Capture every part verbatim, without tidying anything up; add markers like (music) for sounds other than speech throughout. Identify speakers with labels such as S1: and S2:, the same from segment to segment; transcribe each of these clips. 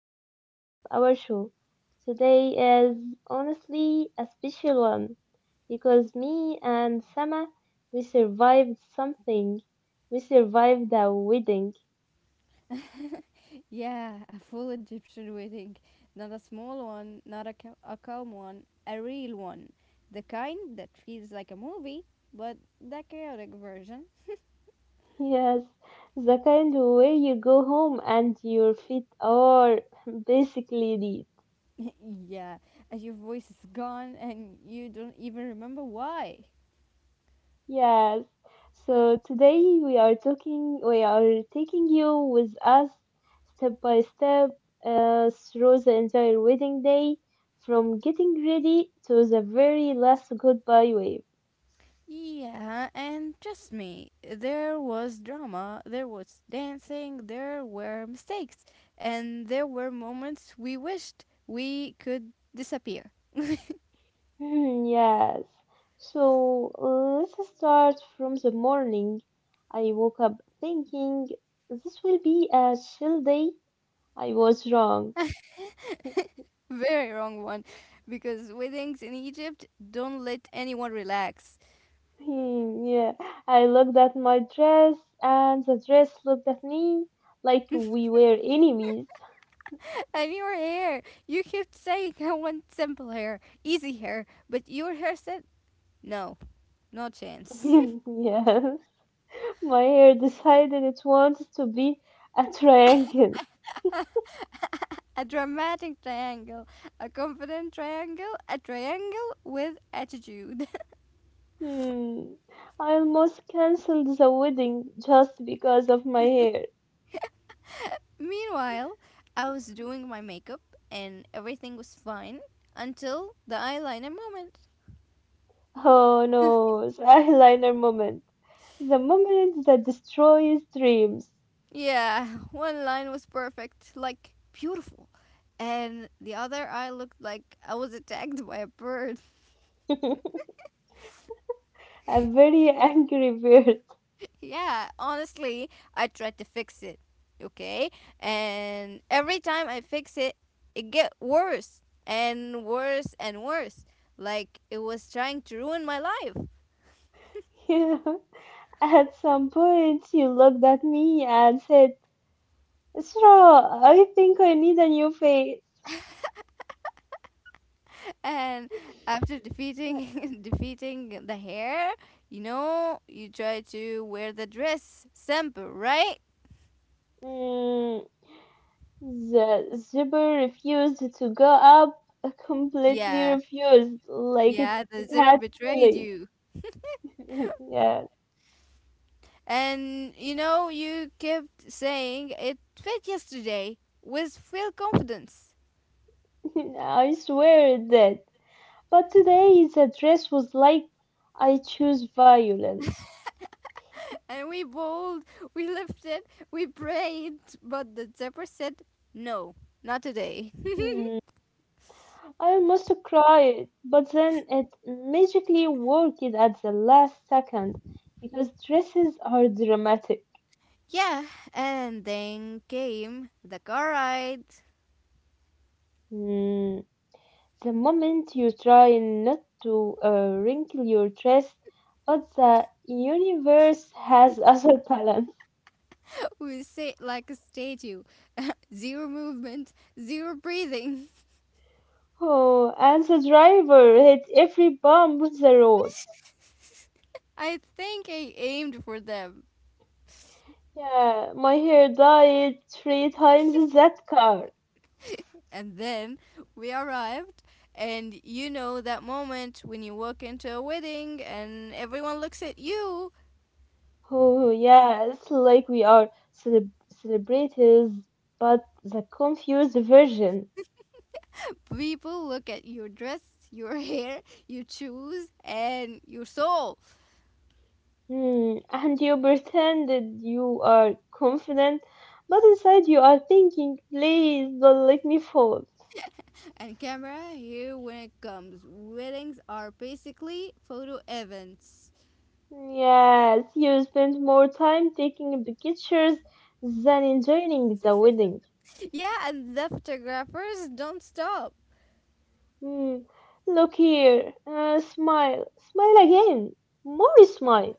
S1: back to our show. Today is honestly a special one because me and Sama we survived something. We survived a wedding.
S2: Yeah, a full Egyptian wedding. Not a small one, not a, ca- a calm one, a real one. The kind that feels like a movie, but the chaotic version.
S1: (laughs) Yes, the kind where you go home and your feet are (laughs) basically dead.
S2: (laughs) yeah, and your voice is gone and you don't even remember why.
S1: Yes. So today we are talking, we are taking you with us step by step uh, through the entire wedding day, from getting ready to the very last goodbye wave. (laughs)
S2: Yeah, and trust me, there was drama, there was dancing, there were mistakes, and there were moments we wished we could disappear.
S1: Hmm, yes. So uh, let's start from the morning. I woke up thinking this will be a chill day. I was wrong.
S2: Very wrong one. Because weddings in Egypt don't let anyone relax.
S1: Hmm, yeah, I looked at my dress, and the dress looked at me like we were enemies.
S2: (laughs) And your hair, you kept saying I want simple hair, easy hair, but your hair said no, no chance.
S1: (laughs) Yes, my hair decided it wanted to be a triangle.
S2: (laughs) A dramatic triangle, a confident triangle, a triangle with attitude.
S1: Hmm, I almost cancelled the wedding just because of my hair.
S2: (laughs) Meanwhile, I was doing my makeup and everything was fine until the eyeliner moment.
S1: Oh no, the eyeliner moment. The moment that destroys dreams. (laughs)
S2: Yeah, (laughs) one line was perfect, like beautiful. And the other eye looked like I was attacked by a bird.
S1: A very angry bird.
S2: (laughs) yeah, honestly, I tried to fix it. Okay? And every time I fix it, it get worse and worse and worse. Like it was trying to ruin my life.
S1: (laughs) Yeah. At some point, you looked at me and said, Isra, I think I need a new face.
S2: And after defeating (laughs) defeating the hair, you know, you try to wear the dress simple, right?
S1: Mm, the zipper refused to go up, completely
S2: Yeah.
S1: refused, like it,
S2: Yeah, the
S1: it
S2: zebra
S1: had
S2: betrayed
S1: feeling.
S2: you.
S1: (laughs) Yeah,
S2: And you know, you kept saying it fit yesterday with full confidence.
S1: (laughs) I swear it did. But today, the dress was like, I choose violence.
S2: And we bawled, we lifted, we prayed, but the zebra said, no, not today.
S1: Hmm. I almost cried, but then it magically worked at the last second because dresses are dramatic.
S2: (laughs) yeah, and then came the car ride.
S1: Mm, the moment you try not to uh, wrinkle your dress, but the universe has (laughs) other balance.
S2: (laughs) We sit like a statue, (laughs) zero movement, zero breathing.
S1: Oh, and the driver hit every bump on the road.
S2: (laughs) I think I aimed for them.
S1: Yeah, my hair died three times in that car.
S2: And then we arrived, and you know that moment when you walk into a wedding and everyone looks at you.
S1: Oh, yes, like we are celeb celebrities, but the confused version.
S2: People look at your dress, your (laughs) hair, your shoes, and your soul.
S1: Hmm, and you pretend that you are confident, but inside you are thinking, please don't let me fall.
S2: And camera here when it comes. Weddings are basically photo events.
S1: Yes, you spend more time taking pictures than enjoying the
S2: (laughs)
S1: wedding.
S2: Yeah, and the photographers don't stop.
S1: Hmm, look here, uh, smile, smile again, more smile,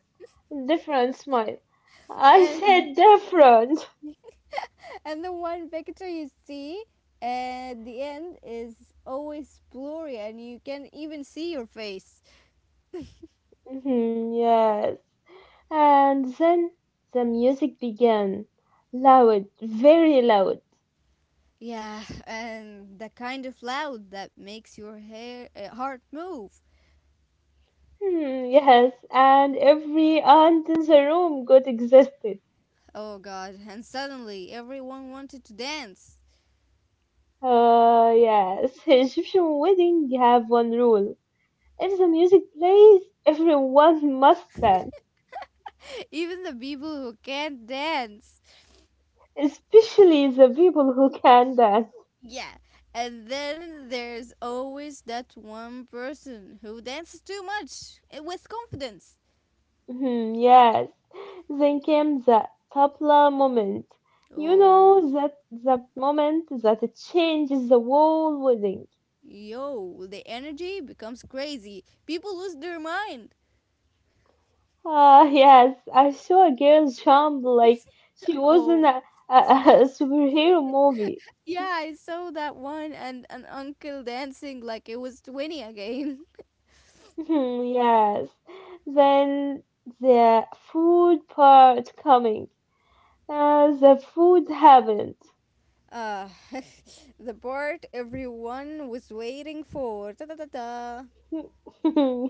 S1: different smile. I
S2: And
S1: said different.
S2: and the one picture you see at the end is always blurry and you can even see your face.
S1: Mhm, yes. And then the music began. Loud, very loud.
S2: Yeah, and the kind of loud that makes your hair uh, heart move.
S1: Hmm, yes. And every aunt in the room got exhausted.
S2: Oh god, and suddenly everyone wanted to dance.
S1: Uh, yes. (laughs) Egyptian wedding have one rule. If the music plays, everyone must dance.
S2: (laughs) Even the people who can't dance.
S1: Especially the people who can dance.
S2: Yeah, and then there's always that one person who dances too much uh, with confidence.
S1: Mhm, yes, then came the tabla moment. You
S2: Oh.
S1: know that that moment that it changes the whole wedding.
S2: Yo, the energy becomes crazy. People lose their mind.
S1: Ah, yes, I saw a girl jump like she
S2: (laughs)
S1: was in
S2: Oh,
S1: a, a, (laughs) a superhero movie.
S2: yeah, I saw that one and an uncle dancing like it was twenty again. (laughs)
S1: Mhm, yes, then the food part coming. Uh, the food happened. (laughs)
S2: Uh, (laughs) the part everyone was waiting for. Da, da, da, da.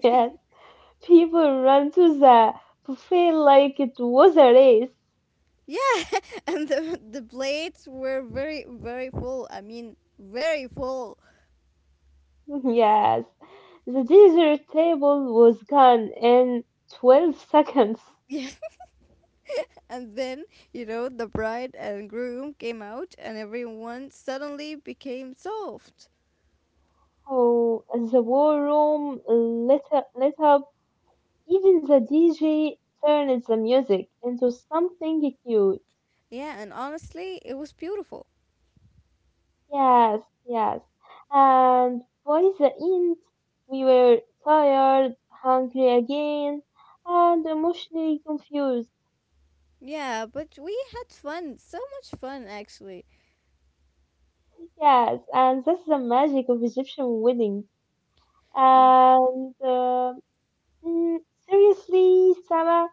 S1: Yes, people run to the buffet like it was a race.
S2: Yeah, (laughs) and the, the plates were very, very full. I mean, very full. (laughs)
S1: (laughs) Yes, the dessert table was gone in twelve seconds.
S2: Yeah, and then, you know, the bride and groom came out, and everyone suddenly became soft.
S1: Oh, the war room lit up, lit up. Even the D J turned the music into something cute.
S2: Yeah, and honestly, it was beautiful.
S1: Yes, yes. And by the end, we were tired, hungry again, and emotionally confused.
S2: Yeah, but we had fun, so much fun actually.
S1: Yes, and that's the magic of Egyptian wedding.
S2: Y-
S1: And uh, Mm, seriously, Sama,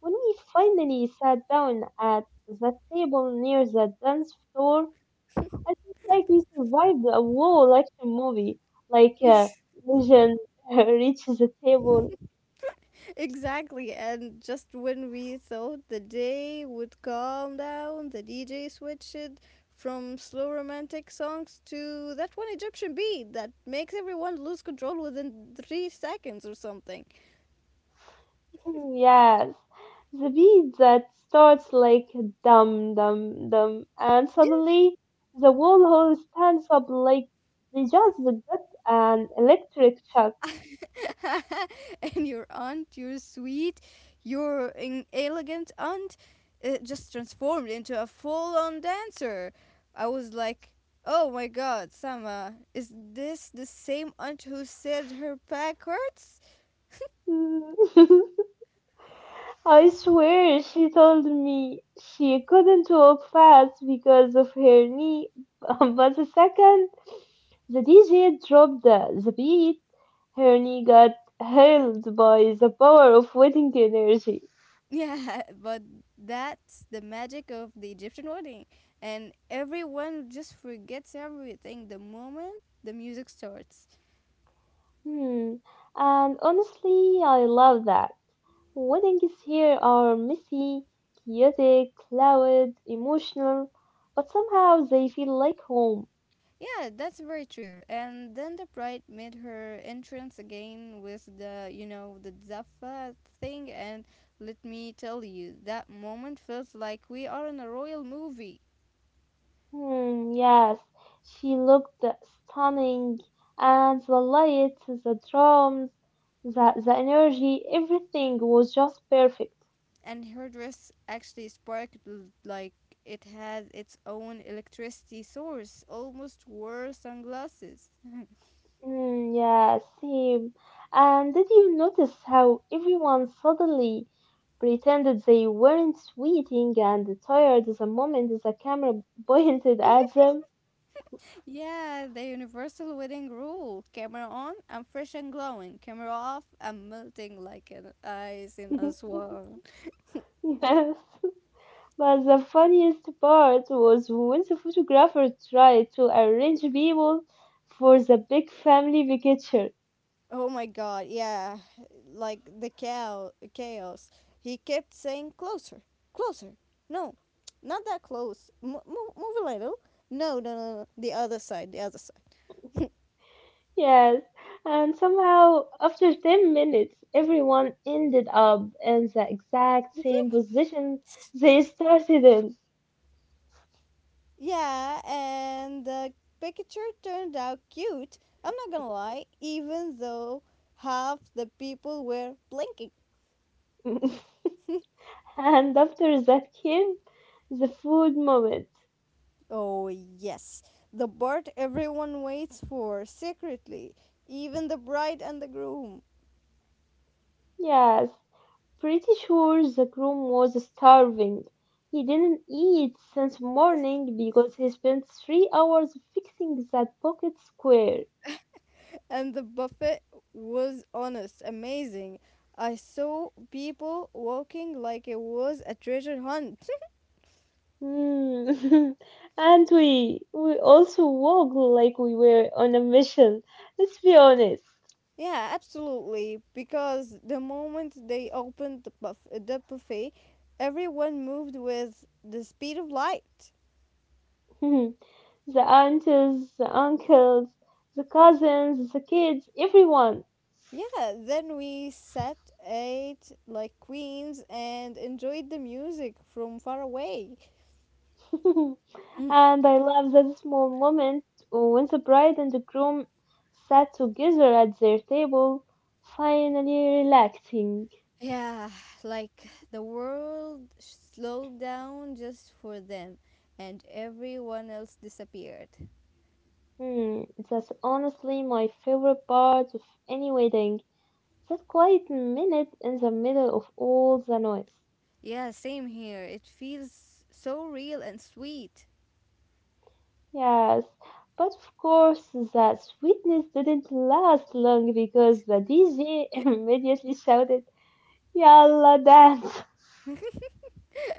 S1: when we finally sat down at that table near the dance floor, I felt like we survived a whole action movie. Like, uh, Vision (laughs) reaches the table.
S2: (laughs) Exactly, and just when we thought the day would calm down, the D J switched from slow romantic songs to that one Egyptian beat that makes everyone lose control within three seconds or something.
S1: (laughs) Yes, the beat that starts like dum dum dum, and suddenly the whole hall stands up like they just got an electric shock.
S2: (laughs) And your aunt, your sweet, your in- elegant aunt, uh, just transformed into a full on dancer. I was like, oh my god, Sama, is this the same aunt who said her back hurts? (laughs)
S1: (laughs) I swear she told me she couldn't walk fast because of her knee, (laughs) but the second the D J dropped the, the beat, her knee got held by the power of wedding energy.
S2: Yeah, but that's the magic of the Egyptian wedding. And everyone just forgets everything the moment the music starts.
S1: Hmm. And honestly, I love that. Weddings here are messy, chaotic, loud, emotional, but somehow they feel like home.
S2: Yeah, that's very true. And then the bride made her entrance again with the, you know, the Zaffa thing. And let me tell you, that moment felt like we are in a royal movie.
S1: Hmm, yes, she looked stunning, and the lights, the drums, the, the energy, everything was just perfect.
S2: And her dress actually sparkled l- like it had its own electricity source, almost wore sunglasses.
S1: Hmm, yes, same. And did you notice how everyone suddenly pretended they weren't sweating and tired the moment the camera (laughs) pointed at
S2: (laughs)
S1: them?
S2: Yeah, the universal wedding rule. Camera on, I'm fresh and glowing. Camera off, I'm melting like an ice in a
S1: (laughs)
S2: swamp.
S1: Yes. But the funniest part was when the photographer tried to arrange people for the big family picture.
S2: Oh my god, yeah. Like the cow chaos. He kept saying closer, closer. No, not that close. Mo- mo- move a little. No, no, no, no. The other side, the other side.
S1: Yes, and somehow after ten minutes, everyone ended up in the exact same
S2: (laughs)
S1: position they started in.
S2: Yeah, and the picture turned out cute. I'm not gonna lie, even though half the people were blinking.
S1: (laughs) And after that came the food moment.
S2: Oh, yes. The part everyone waits for secretly, even the bride and the groom.
S1: Yes, pretty sure the groom was starving. He didn't eat since morning because he spent three hours fixing that pocket square.
S2: And the buffet was honest amazing. I saw people walking like it was a treasure hunt.
S1: Hmm. (laughs) And we we also walked like we were on a mission. Let's be honest.
S2: (laughs) Yeah, absolutely. Because the moment they opened the, buff- the buffet, everyone moved with the speed of light.
S1: (laughs) The aunties, the uncles, the cousins, the kids, everyone.
S2: Yeah, then we sat, ate like queens, and enjoyed the music from far away.
S1: (laughs) And I love that small moment when the bride and the groom sat together at their table, finally relaxing.
S2: Yeah, like the world slowed down just for them and everyone else disappeared.
S1: Hmm, that's honestly my favorite part of any wedding. That quiet minute in the middle of all the noise.
S2: Yeah, same here. It feels so real and sweet.
S1: Yes, but of course that sweetness didn't last long because the D J (laughs) immediately shouted, Yalla dance!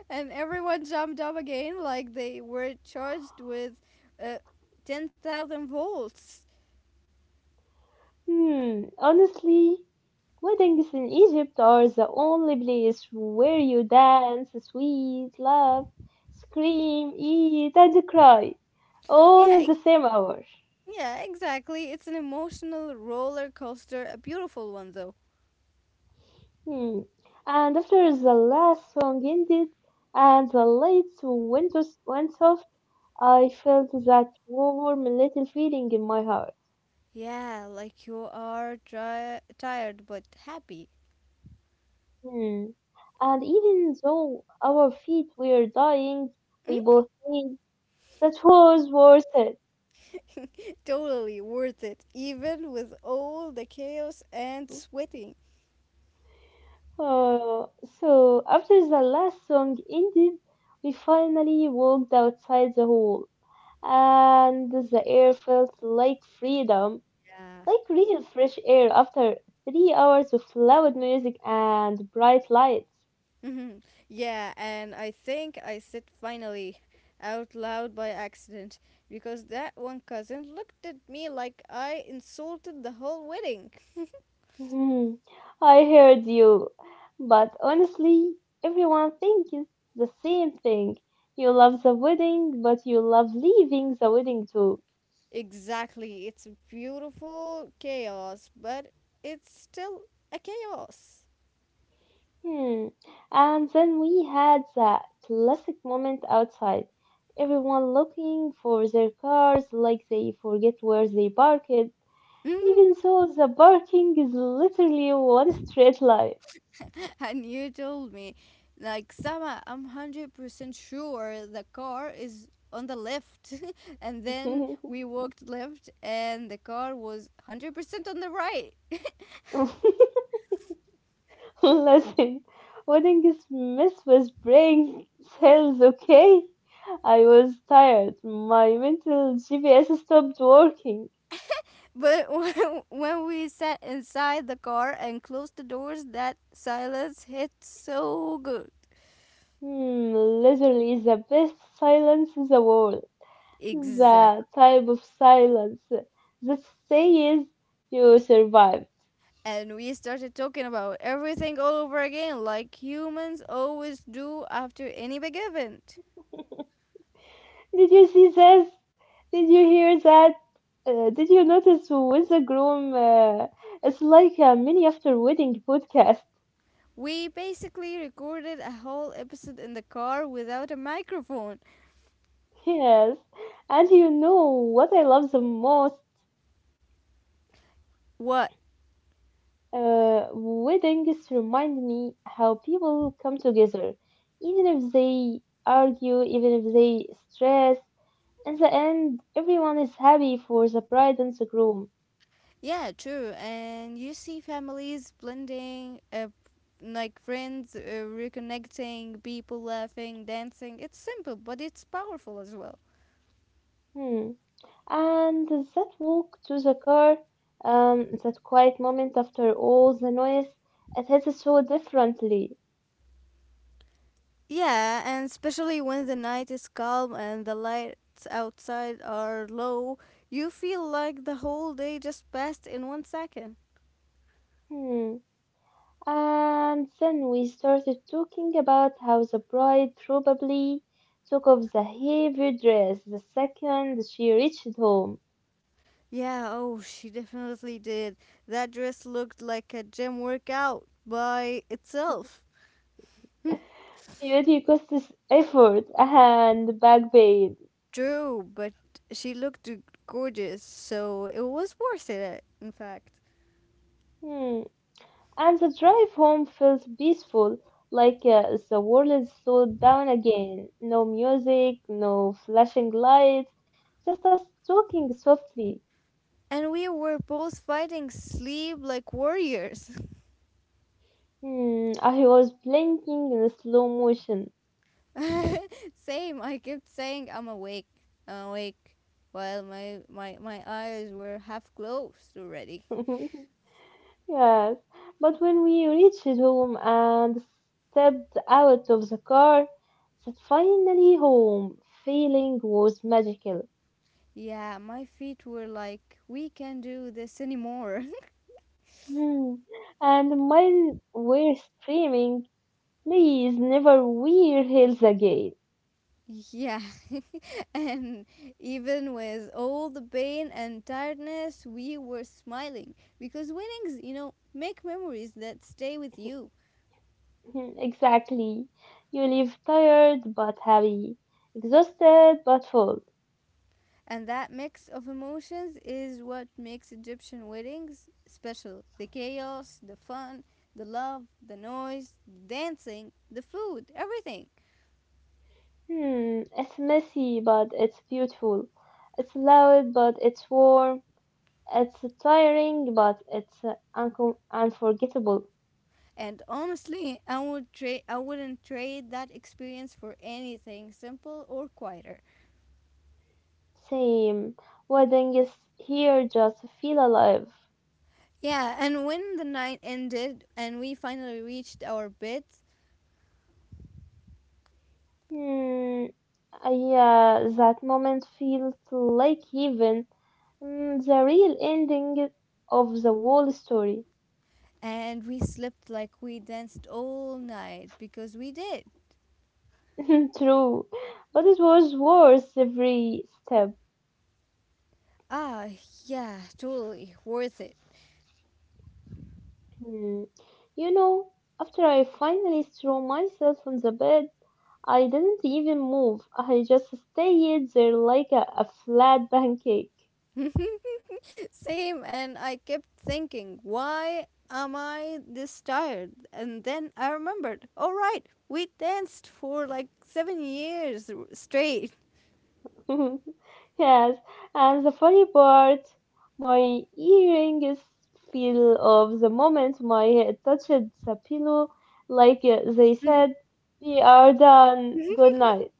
S2: And everyone jumped up again like they were charged with uh, ten thousand volts.
S1: Hmm, honestly, weddings in Egypt are the only place where you dance, sweet, laugh, scream, eat, and cry, all in
S2: Yeah,
S1: the
S2: e-
S1: same hour.
S2: yeah, exactly. It's an emotional roller coaster, a beautiful one though.
S1: Hmm. And after the last song ended and the lights went, os- went soft, I felt that warm little feeling in my heart.
S2: Yeah, like you are tri- tired but happy.
S1: Hmm. And even though our feet were dying, we both knew that was worth it.
S2: Totally worth it, even with all the chaos and sweating.
S1: Oh, so after the last song ended, we finally walked outside the hall, and the air felt like freedom,
S2: Yeah.
S1: like real fresh air after three hours of loud music and bright lights.
S2: Mhm. Yeah, and I think I said finally out loud by accident because that one cousin looked at me like I insulted the whole wedding.
S1: Hmm, I heard you, but honestly, everyone thinks the same thing. You love the wedding, but you love leaving the wedding too.
S2: Exactly, it's beautiful chaos, but it's still a chaos.
S1: Hmm. And then we had that classic moment outside. Everyone looking for their cars like they forget where they parked, even
S2: (laughs)
S1: though the parking is literally one straight line.
S2: And you told me, like, Sama, I'm one hundred percent sure the car is on the left. (laughs) And then
S1: (laughs)
S2: we walked left, and the car was one hundred percent on the right.
S1: Listen, weddings mess with brain cells, okay? I was tired. My mental G P S stopped working.
S2: But (laughs) when, when we sat inside the car and closed the doors, that silence hit so good.
S1: Hmm, literally the best silence in the world. The
S2: Exactly.
S1: type of silence that says you survived.
S2: And we started talking about everything all over again, like humans always do after any big event.
S1: Did you see this? Did you hear that? Uh, did you notice with the groom? Uh, it's like a mini after wedding podcast. (laughs)
S2: We basically recorded a whole episode in the car without a microphone.
S1: Yes, and you know what I love the most?
S2: What?
S1: Uh, weddings remind me how people come together, even if they argue, even if they stress. In the end, everyone is happy for the bride and the groom.
S2: Yeah, true. And you see families blending, uh, like friends uh, reconnecting, people laughing, dancing. It's simple, but it's powerful as well.
S1: Hmm. And that walk to the car, um, that quiet moment after all the noise, it hits so differently.
S2: Yeah, and especially when the night is calm and the lights outside are low, you feel like the whole day just passed in one second.
S1: Hmm. And then we started talking about how the bride probably took off the heavy dress the second she reached home.
S2: Yeah, oh, she definitely did. That dress looked like a gym workout by itself.
S1: Beauty costs effort and back pain.
S2: True, but she looked gorgeous, so it was worth it, in fact.
S1: Hmm. And the drive home feels peaceful, like uh, the world is slowed down again. No music, no flashing lights, just us talking softly.
S2: And we were both fighting sleep like warriors.
S1: Hmm, I was blinking in slow motion.
S2: (laughs) Same, I kept saying I'm awake, I'm awake, while my, my, my eyes were half closed already.
S1: (laughs) Yes, but when we reached home and stepped out of the car, that finally home feeling was magical.
S2: Yeah, my feet were like, we can not do this anymore.
S1: Hmm, and mine were screaming please never wear heels again.
S2: (laughs) yeah, And (laughs) even with all the pain and tiredness, we were smiling because winnings, you know, make memories that stay with you.
S1: (laughs) Exactly. You leave tired but happy, exhausted but full.
S2: And that mix of emotions is what makes Egyptian weddings special the chaos, the fun, the love, the noise, the dancing, the food, everything.
S1: Hmm, it's messy but it's beautiful. It's loud but it's warm. It's tiring but it's uh, uncom unforgettable.
S2: And honestly, I, would tra- I wouldn't trade that experience for anything simple or quieter.
S1: Same. Wedding is here just feel alive.
S2: Yeah, and when the night ended and we finally reached our beds
S1: Hmm, yeah, that moment feels like heaven. Mm, the real ending of the whole story.
S2: and we slept like we danced all night because we did.
S1: (laughs) True, but it was worth every step.
S2: Ah, yeah, totally worth it.
S1: Hmm. You know, after I finally threw myself on the bed, I didn't even move. I just stayed there like a, a flat pancake.
S2: (laughs) Same, and I kept thinking, why am I this tired? And then I remembered, all right, we danced for like seven years r- straight.
S1: (laughs) Yes, and the funny part, my earrings feel of the moment my head touched the pillow, like uh, they said, we are done, good night.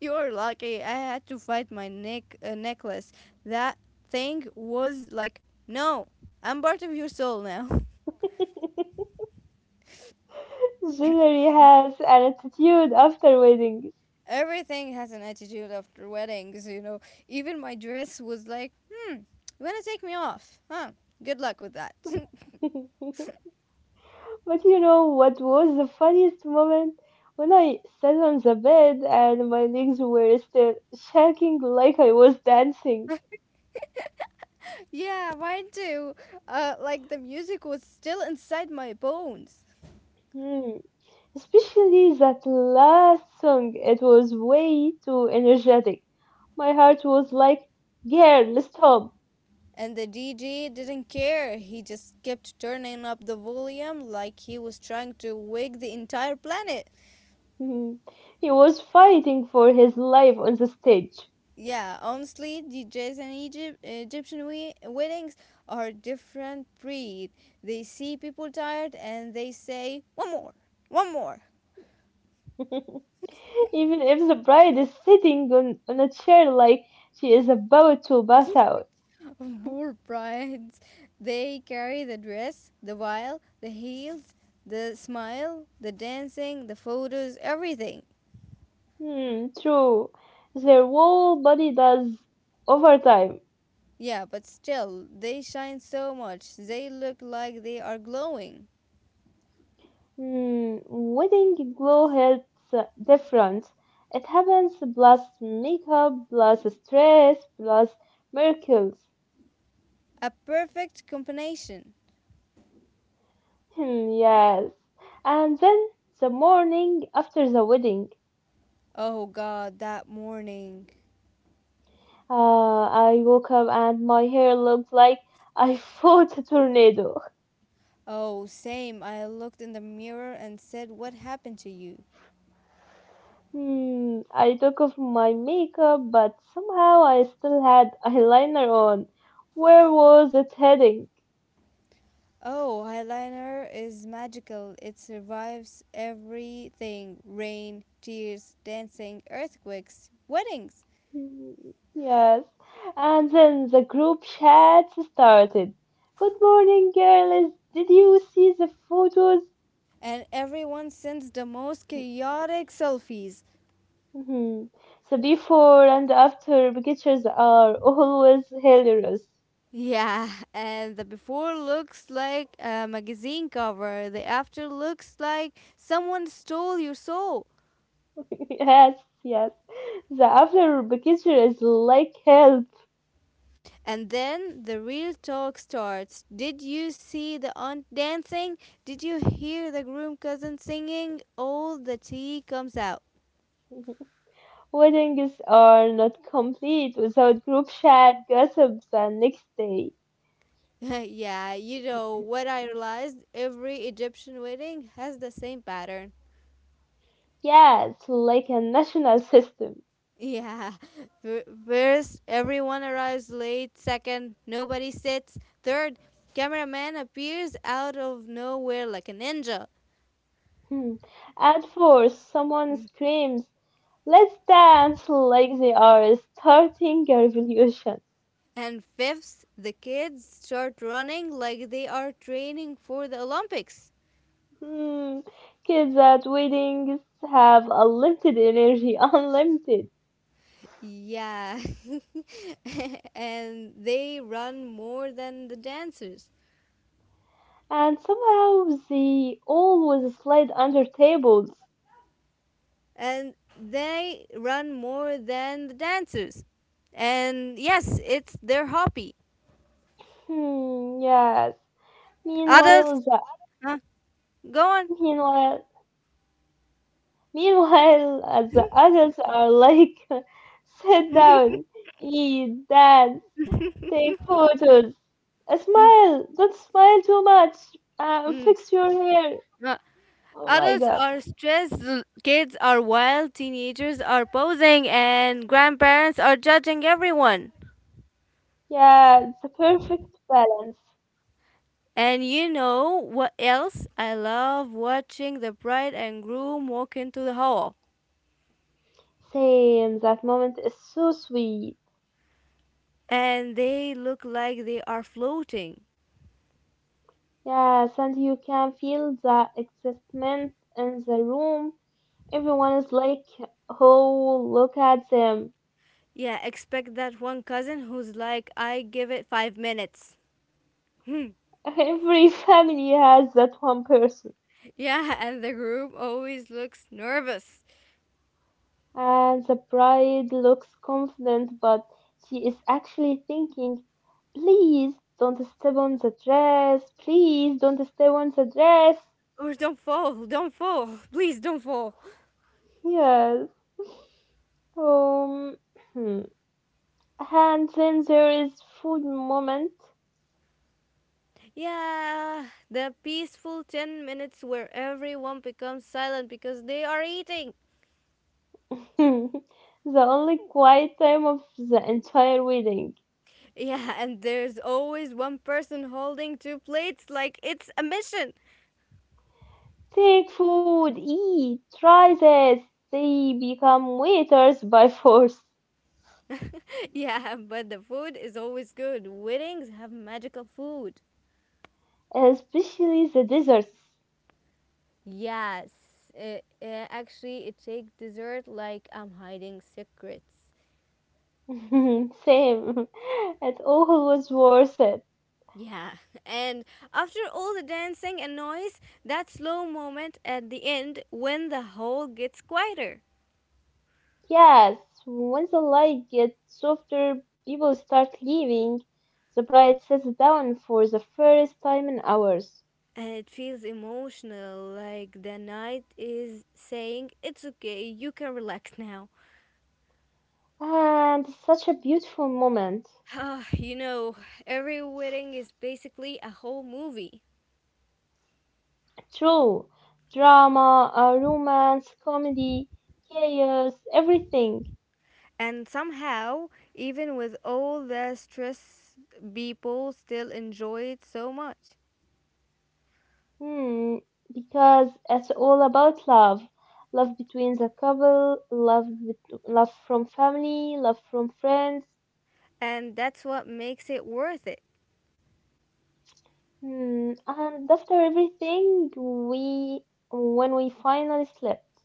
S2: You're lucky. I had to fight my neck uh, necklace. That thing was like, no, I'm part of your soul now.
S1: (laughs) Jewelry has an attitude after weddings.
S2: (laughs) Everything has an attitude after weddings, you know. Even my dress was like, hmm, you wanna take me off, huh? Good luck with that.
S1: (laughs) But you know what was the funniest moment? When I sat on the bed and my legs were still shaking like I was dancing.
S2: (laughs) yeah, mine too. Uh, like the music was still inside my bones.
S1: Hmm. Especially that last song, it was way too energetic. My heart was like, girl, stop.
S2: And the D J didn't care. He just kept turning up the volume like he was trying to wake the entire planet.
S1: Mhm. He was fighting for his life on the stage.
S2: Yeah, honestly, D Js and Egypt, Egyptian we- weddings are different breed. They see people tired and they say, "One more, one more."
S1: (laughs) Even if the bride is sitting on, on a chair like she is about to pass out.
S2: (laughs) Poor brides. They carry the dress, the veil, the heels, the smile, the dancing, the photos, everything.
S1: Hmm, true. Their whole body does over time.
S2: Yeah, but still, they shine so much. They look like they are glowing.
S1: Hmm, wedding glow hits uh, different. It happens plus makeup, plus stress, plus miracles.
S2: A perfect combination.
S1: Hmm, yes. And then the morning after the wedding,
S2: Oh God, that morning.
S1: uh, I woke up and my hair looked like I fought a (laughs) tornado.
S2: Oh, same. I looked in the mirror and said, what happened to you?
S1: Hmm, I took off my makeup, but somehow I still had (laughs) eyeliner on. Where was it heading?
S2: Oh, eyeliner is magical. It survives everything rain, tears, dancing, earthquakes, weddings.
S1: Hmm, yes. And then the group chat started. Good morning, girls. Did you see the photos?
S2: And everyone sends the most chaotic selfies.
S1: Hmm. The before and after pictures are always hilarious.
S2: Yeah, and the before looks like a magazine cover, the after looks like someone stole your soul.
S1: (laughs) Yes, yes. The after picture is like help.
S2: And then the real talk starts. Did you see the aunt dancing? Did you hear the groom cousin singing? All the tea comes out.
S1: Weddings are not complete without group chat, gossips, and next day.
S2: (laughs) yeah, you know what I realized? Every Egyptian wedding has the same pattern.
S1: Yes, like a national system.
S2: Yeah. (laughs) Fir- First, everyone arrives late. Second, nobody sits. Third, cameraman appears out of nowhere like a ninja.
S1: Hmm. At four, someone screams, let's dance! Like they are starting a revolution.
S2: And fifth, the kids start running like they are training for the Olympics.
S1: Hmm. Kids at weddings have unlimited energy, (laughs) unlimited.
S2: Yeah. (laughs) And they run more than the dancers.
S1: And somehow they always slide under tables.
S2: And they run more than the dancers. And yes, it's their hobby.
S1: Hmm, yes. Meanwhile,
S2: Adults,
S1: the
S2: huh? Go on.
S1: meanwhile Meanwhile, uh, the adults are like, (laughs) sit down, eat, dance, take photos, Uh,
S2: Mm,
S1: smile, don't smile too much, uh,
S2: mm,
S1: fix your hair.
S2: uh,
S1: Oh my
S2: Adults
S1: god.
S2: are stressed, l- kids are wild, teenagers are posing, and grandparents are judging everyone.
S1: Yeah, it's the perfect balance.
S2: And you know what else? I love watching the bride and groom walk into the hall.
S1: Same, that moment is so sweet.
S2: And they look like they are floating.
S1: Yes, and you can feel the excitement in the room. Everyone is like, oh, look at them.
S2: Yeah, expect that one cousin who's like, I give it five minutes.
S1: (laughs) Every family has that one person.
S2: Yeah, (laughs) and the groom always looks nervous.
S1: And the bride looks confident, but she is actually thinking, please don't step on the dress, please don't step on the dress.
S2: Or don't fall, don't fall, please don't fall.
S1: Yes. Um, hmm. and then there is food moment.
S2: Yeah, the peaceful ten minutes where everyone becomes silent because they are eating.
S1: (laughs) The only quiet time of the entire wedding.
S2: Yeah, and there's always one person holding two plates like it's a mission.
S1: Take food, eat, try this. They become waiters by force,
S2: (laughs) Yeah, but the food is always good. Weddings have magical food.
S1: especially the desserts.
S2: Yes, uh, uh, actually, it takes dessert like I'm hiding secrets.
S1: (laughs) Same. (laughs) It always worth it.
S2: Yeah, (laughs) and after all the dancing and noise, that slow moment at the end when the hall gets quieter.
S1: Yes, once the light gets softer, people start leaving. The bride sits down for the first time in hours.
S2: And it feels emotional, like the night is saying, it's okay, you can relax now.
S1: And it's such a beautiful moment.
S2: Ah, you know, every wedding is basically a whole movie.
S1: True. Drama, uh, romance, comedy, chaos, everything.
S2: And somehow, even with all the stress, people still enjoy it so much.
S1: Hmm. Because it's all about love. Love between the couple, love, bet- love from family, love from friends.
S2: And that's what makes it worth it.
S1: Hmm, And after everything, we, when we finally slept,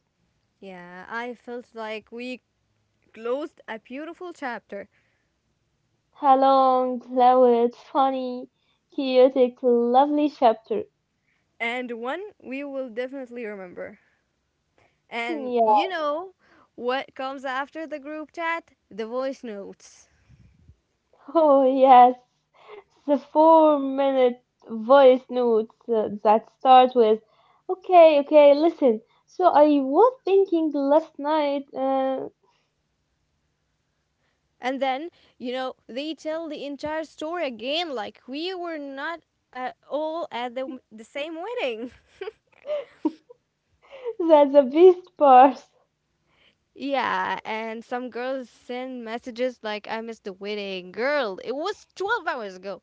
S2: Yeah, I felt like we closed a beautiful chapter
S1: a long, loud, funny, chaotic, lovely chapter.
S2: and one we will definitely remember.
S1: Hmm,
S2: And you
S1: yeah.
S2: know what comes after the group chat? The voice notes.
S1: (laughs) Oh, yes. The four-minute voice notes uh, that start with, okay, okay, listen. So I was thinking last night, uh,
S2: And then you know they tell the entire story again like we were not at all at the, the same wedding.
S1: (laughs) that the best part.
S2: (laughs) Yeah, and some girls send messages like I missed the wedding girl, it was twelve hours ago.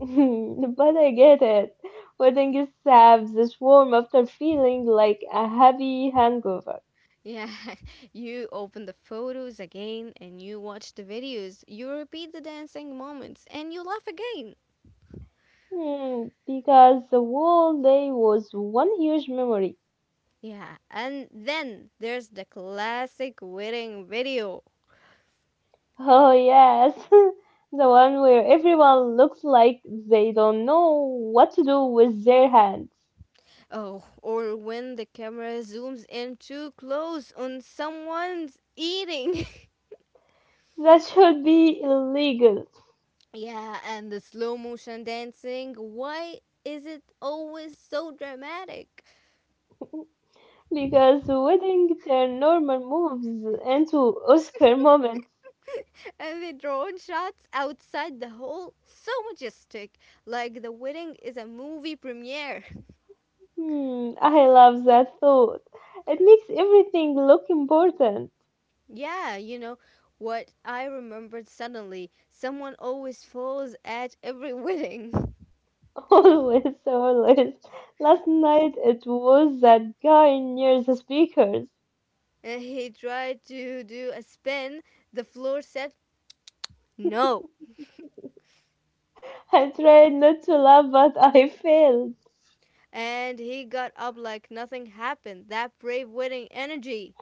S1: (laughs) But I get it. Wedding is saps this warm after feeling like a heavy hangover.
S2: Yeah, (laughs) you open the photos again and you watch the videos, you repeat the dancing moments, and you laugh again.
S1: Hmm, because the whole day was one huge memory.
S2: Yeah, and then there's the classic wedding video.
S1: Oh yes, (laughs) the one where everyone looks like they don't know what to do with their hands.
S2: Oh, or when the camera zooms in too close on someone's eating.
S1: That should be illegal.
S2: (laughs) Yeah, and the slow motion dancing. Why is it always so dramatic? (laughs)
S1: Because wedding turn normal moves into Oscar moments.
S2: And the drone shots outside the hall, so majestic, like the wedding is a movie premiere.
S1: Hmm, I love that thought. It makes everything look important.
S2: (laughs) yeah, you know what I remembered suddenly. Someone always falls at every wedding. (laughs)
S1: (laughs) Always, always. Last night it was that guy near the speakers.
S2: And he tried to do a spin. The floor said no.
S1: I tried not to laugh, but I (laughs) failed.
S2: And he got up like nothing happened. That brave, witty energy.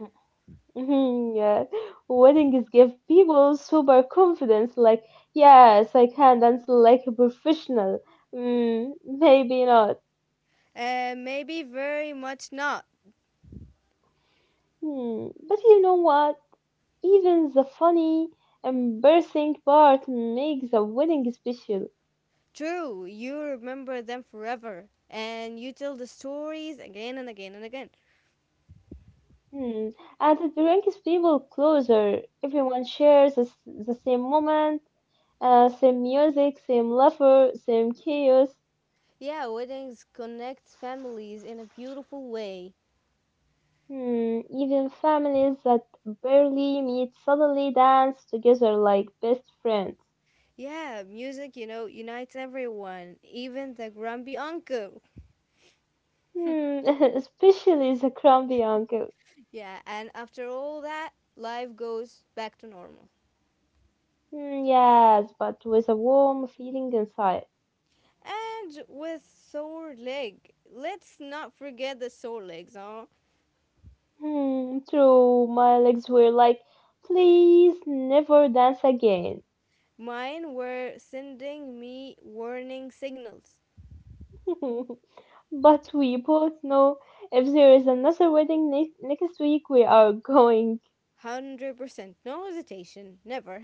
S1: Mhm, yeah. Weddings give people super confidence, like, yes, I can dance like a professional. Mm, maybe not.
S2: Uh, maybe very much not.
S1: Hmm. But you know what? Even the funny, embarrassing part makes the wedding special.
S2: True, you remember them forever, and you tell the stories again and again and again.
S1: Hmm. And it brings people closer. Everyone shares the, s- the same moment, uh, same music, same laughter, same chaos.
S2: Yeah, weddings connect families in a beautiful way.
S1: Hmm. Even families that barely meet suddenly dance together like best friends.
S2: Yeah, music, you know, unites everyone, even the grumpy uncle.
S1: Hmm. (laughs) Especially the grumpy uncle.
S2: Yeah, and after all that, life goes back to normal.
S1: Hmm, yes, but with a warm feeling inside.
S2: And with sore leg, let's not forget the sore legs, huh?
S1: Hmm, true. My legs were like, please never dance again.
S2: Mine were sending me warning signals.
S1: (laughs) But we both know if there is another wedding ne- next week, we are going.
S2: one hundred percent, no hesitation, never.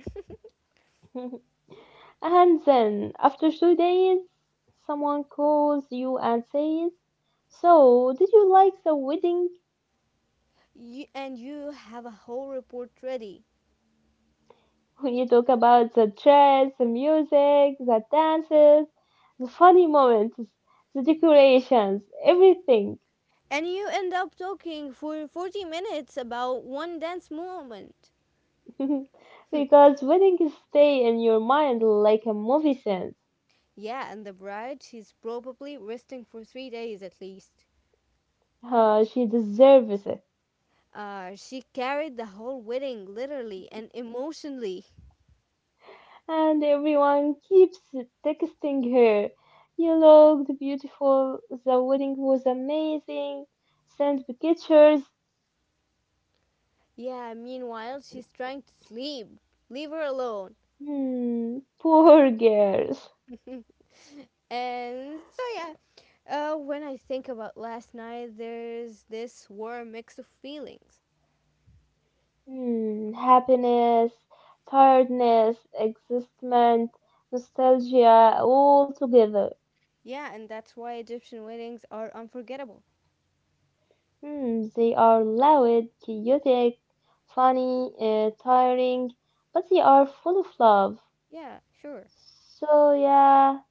S1: (laughs) And then, after two days, someone calls you and says, so, did you like the wedding?
S2: You, and you have a whole report ready.
S1: (laughs) When you talk about the dress, the music, the dances, the funny moments, the decorations, everything.
S2: And you end up talking for forty minutes about one dance movement.
S1: (laughs) Because winning is stay in your mind like a movie scene.
S2: Yeah, and the bride, she's probably resting for three days at least.
S1: Uh, she deserves it.
S2: Uh, she carried the whole wedding, literally and emotionally.
S1: And everyone keeps texting her. You looked beautiful. The wedding was amazing. Send pictures.
S2: Yeah, meanwhile, she's trying to sleep. Leave her alone.
S1: Hmm, poor girls.
S2: And so, yeah, uh, when I think about last night, there's this warm mix of feelings.
S1: Hmm, happiness, tiredness, excitement, nostalgia, all together.
S2: Yeah, and that's why Egyptian weddings are unforgettable.
S1: Hmm, they are loud, chaotic, funny, uh, tiring, but they are full of love.
S2: Yeah, sure.
S1: So yeah,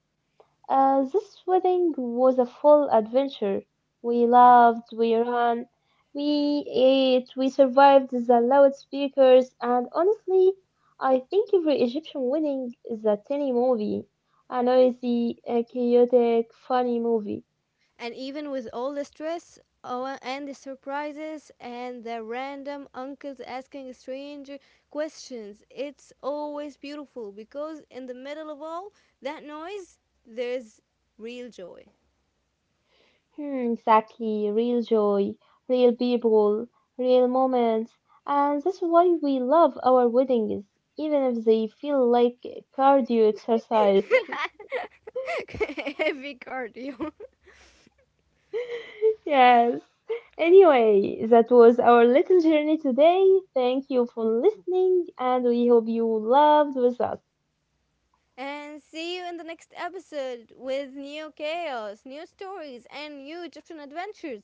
S1: uh, this wedding was a full adventure. We
S2: Yeah.
S1: laughed, we ran, we ate, we survived the loudspeakers, and honestly, I think every Egyptian wedding is a tiny movie, a noisy, a chaotic, funny movie.
S2: And even with all the stress oh, and the surprises and the random uncles asking strange questions, it's always beautiful because in the middle of all that noise, there's real joy.
S1: Hmm, exactly. Real joy, real people, real moments. And that's why we love our weddings, even if they feel like cardio exercise. (laughs)
S2: (laughs) Heavy cardio.
S1: Yes. Anyway, that was our little journey today. Thank you for listening, and we hope you loved with us.
S2: And see you in the next episode with new chaos, new stories, and new Egyptian adventures.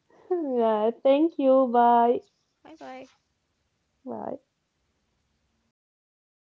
S1: (laughs) Yeah, thank you. Bye.
S2: Bye bye.
S1: Bye.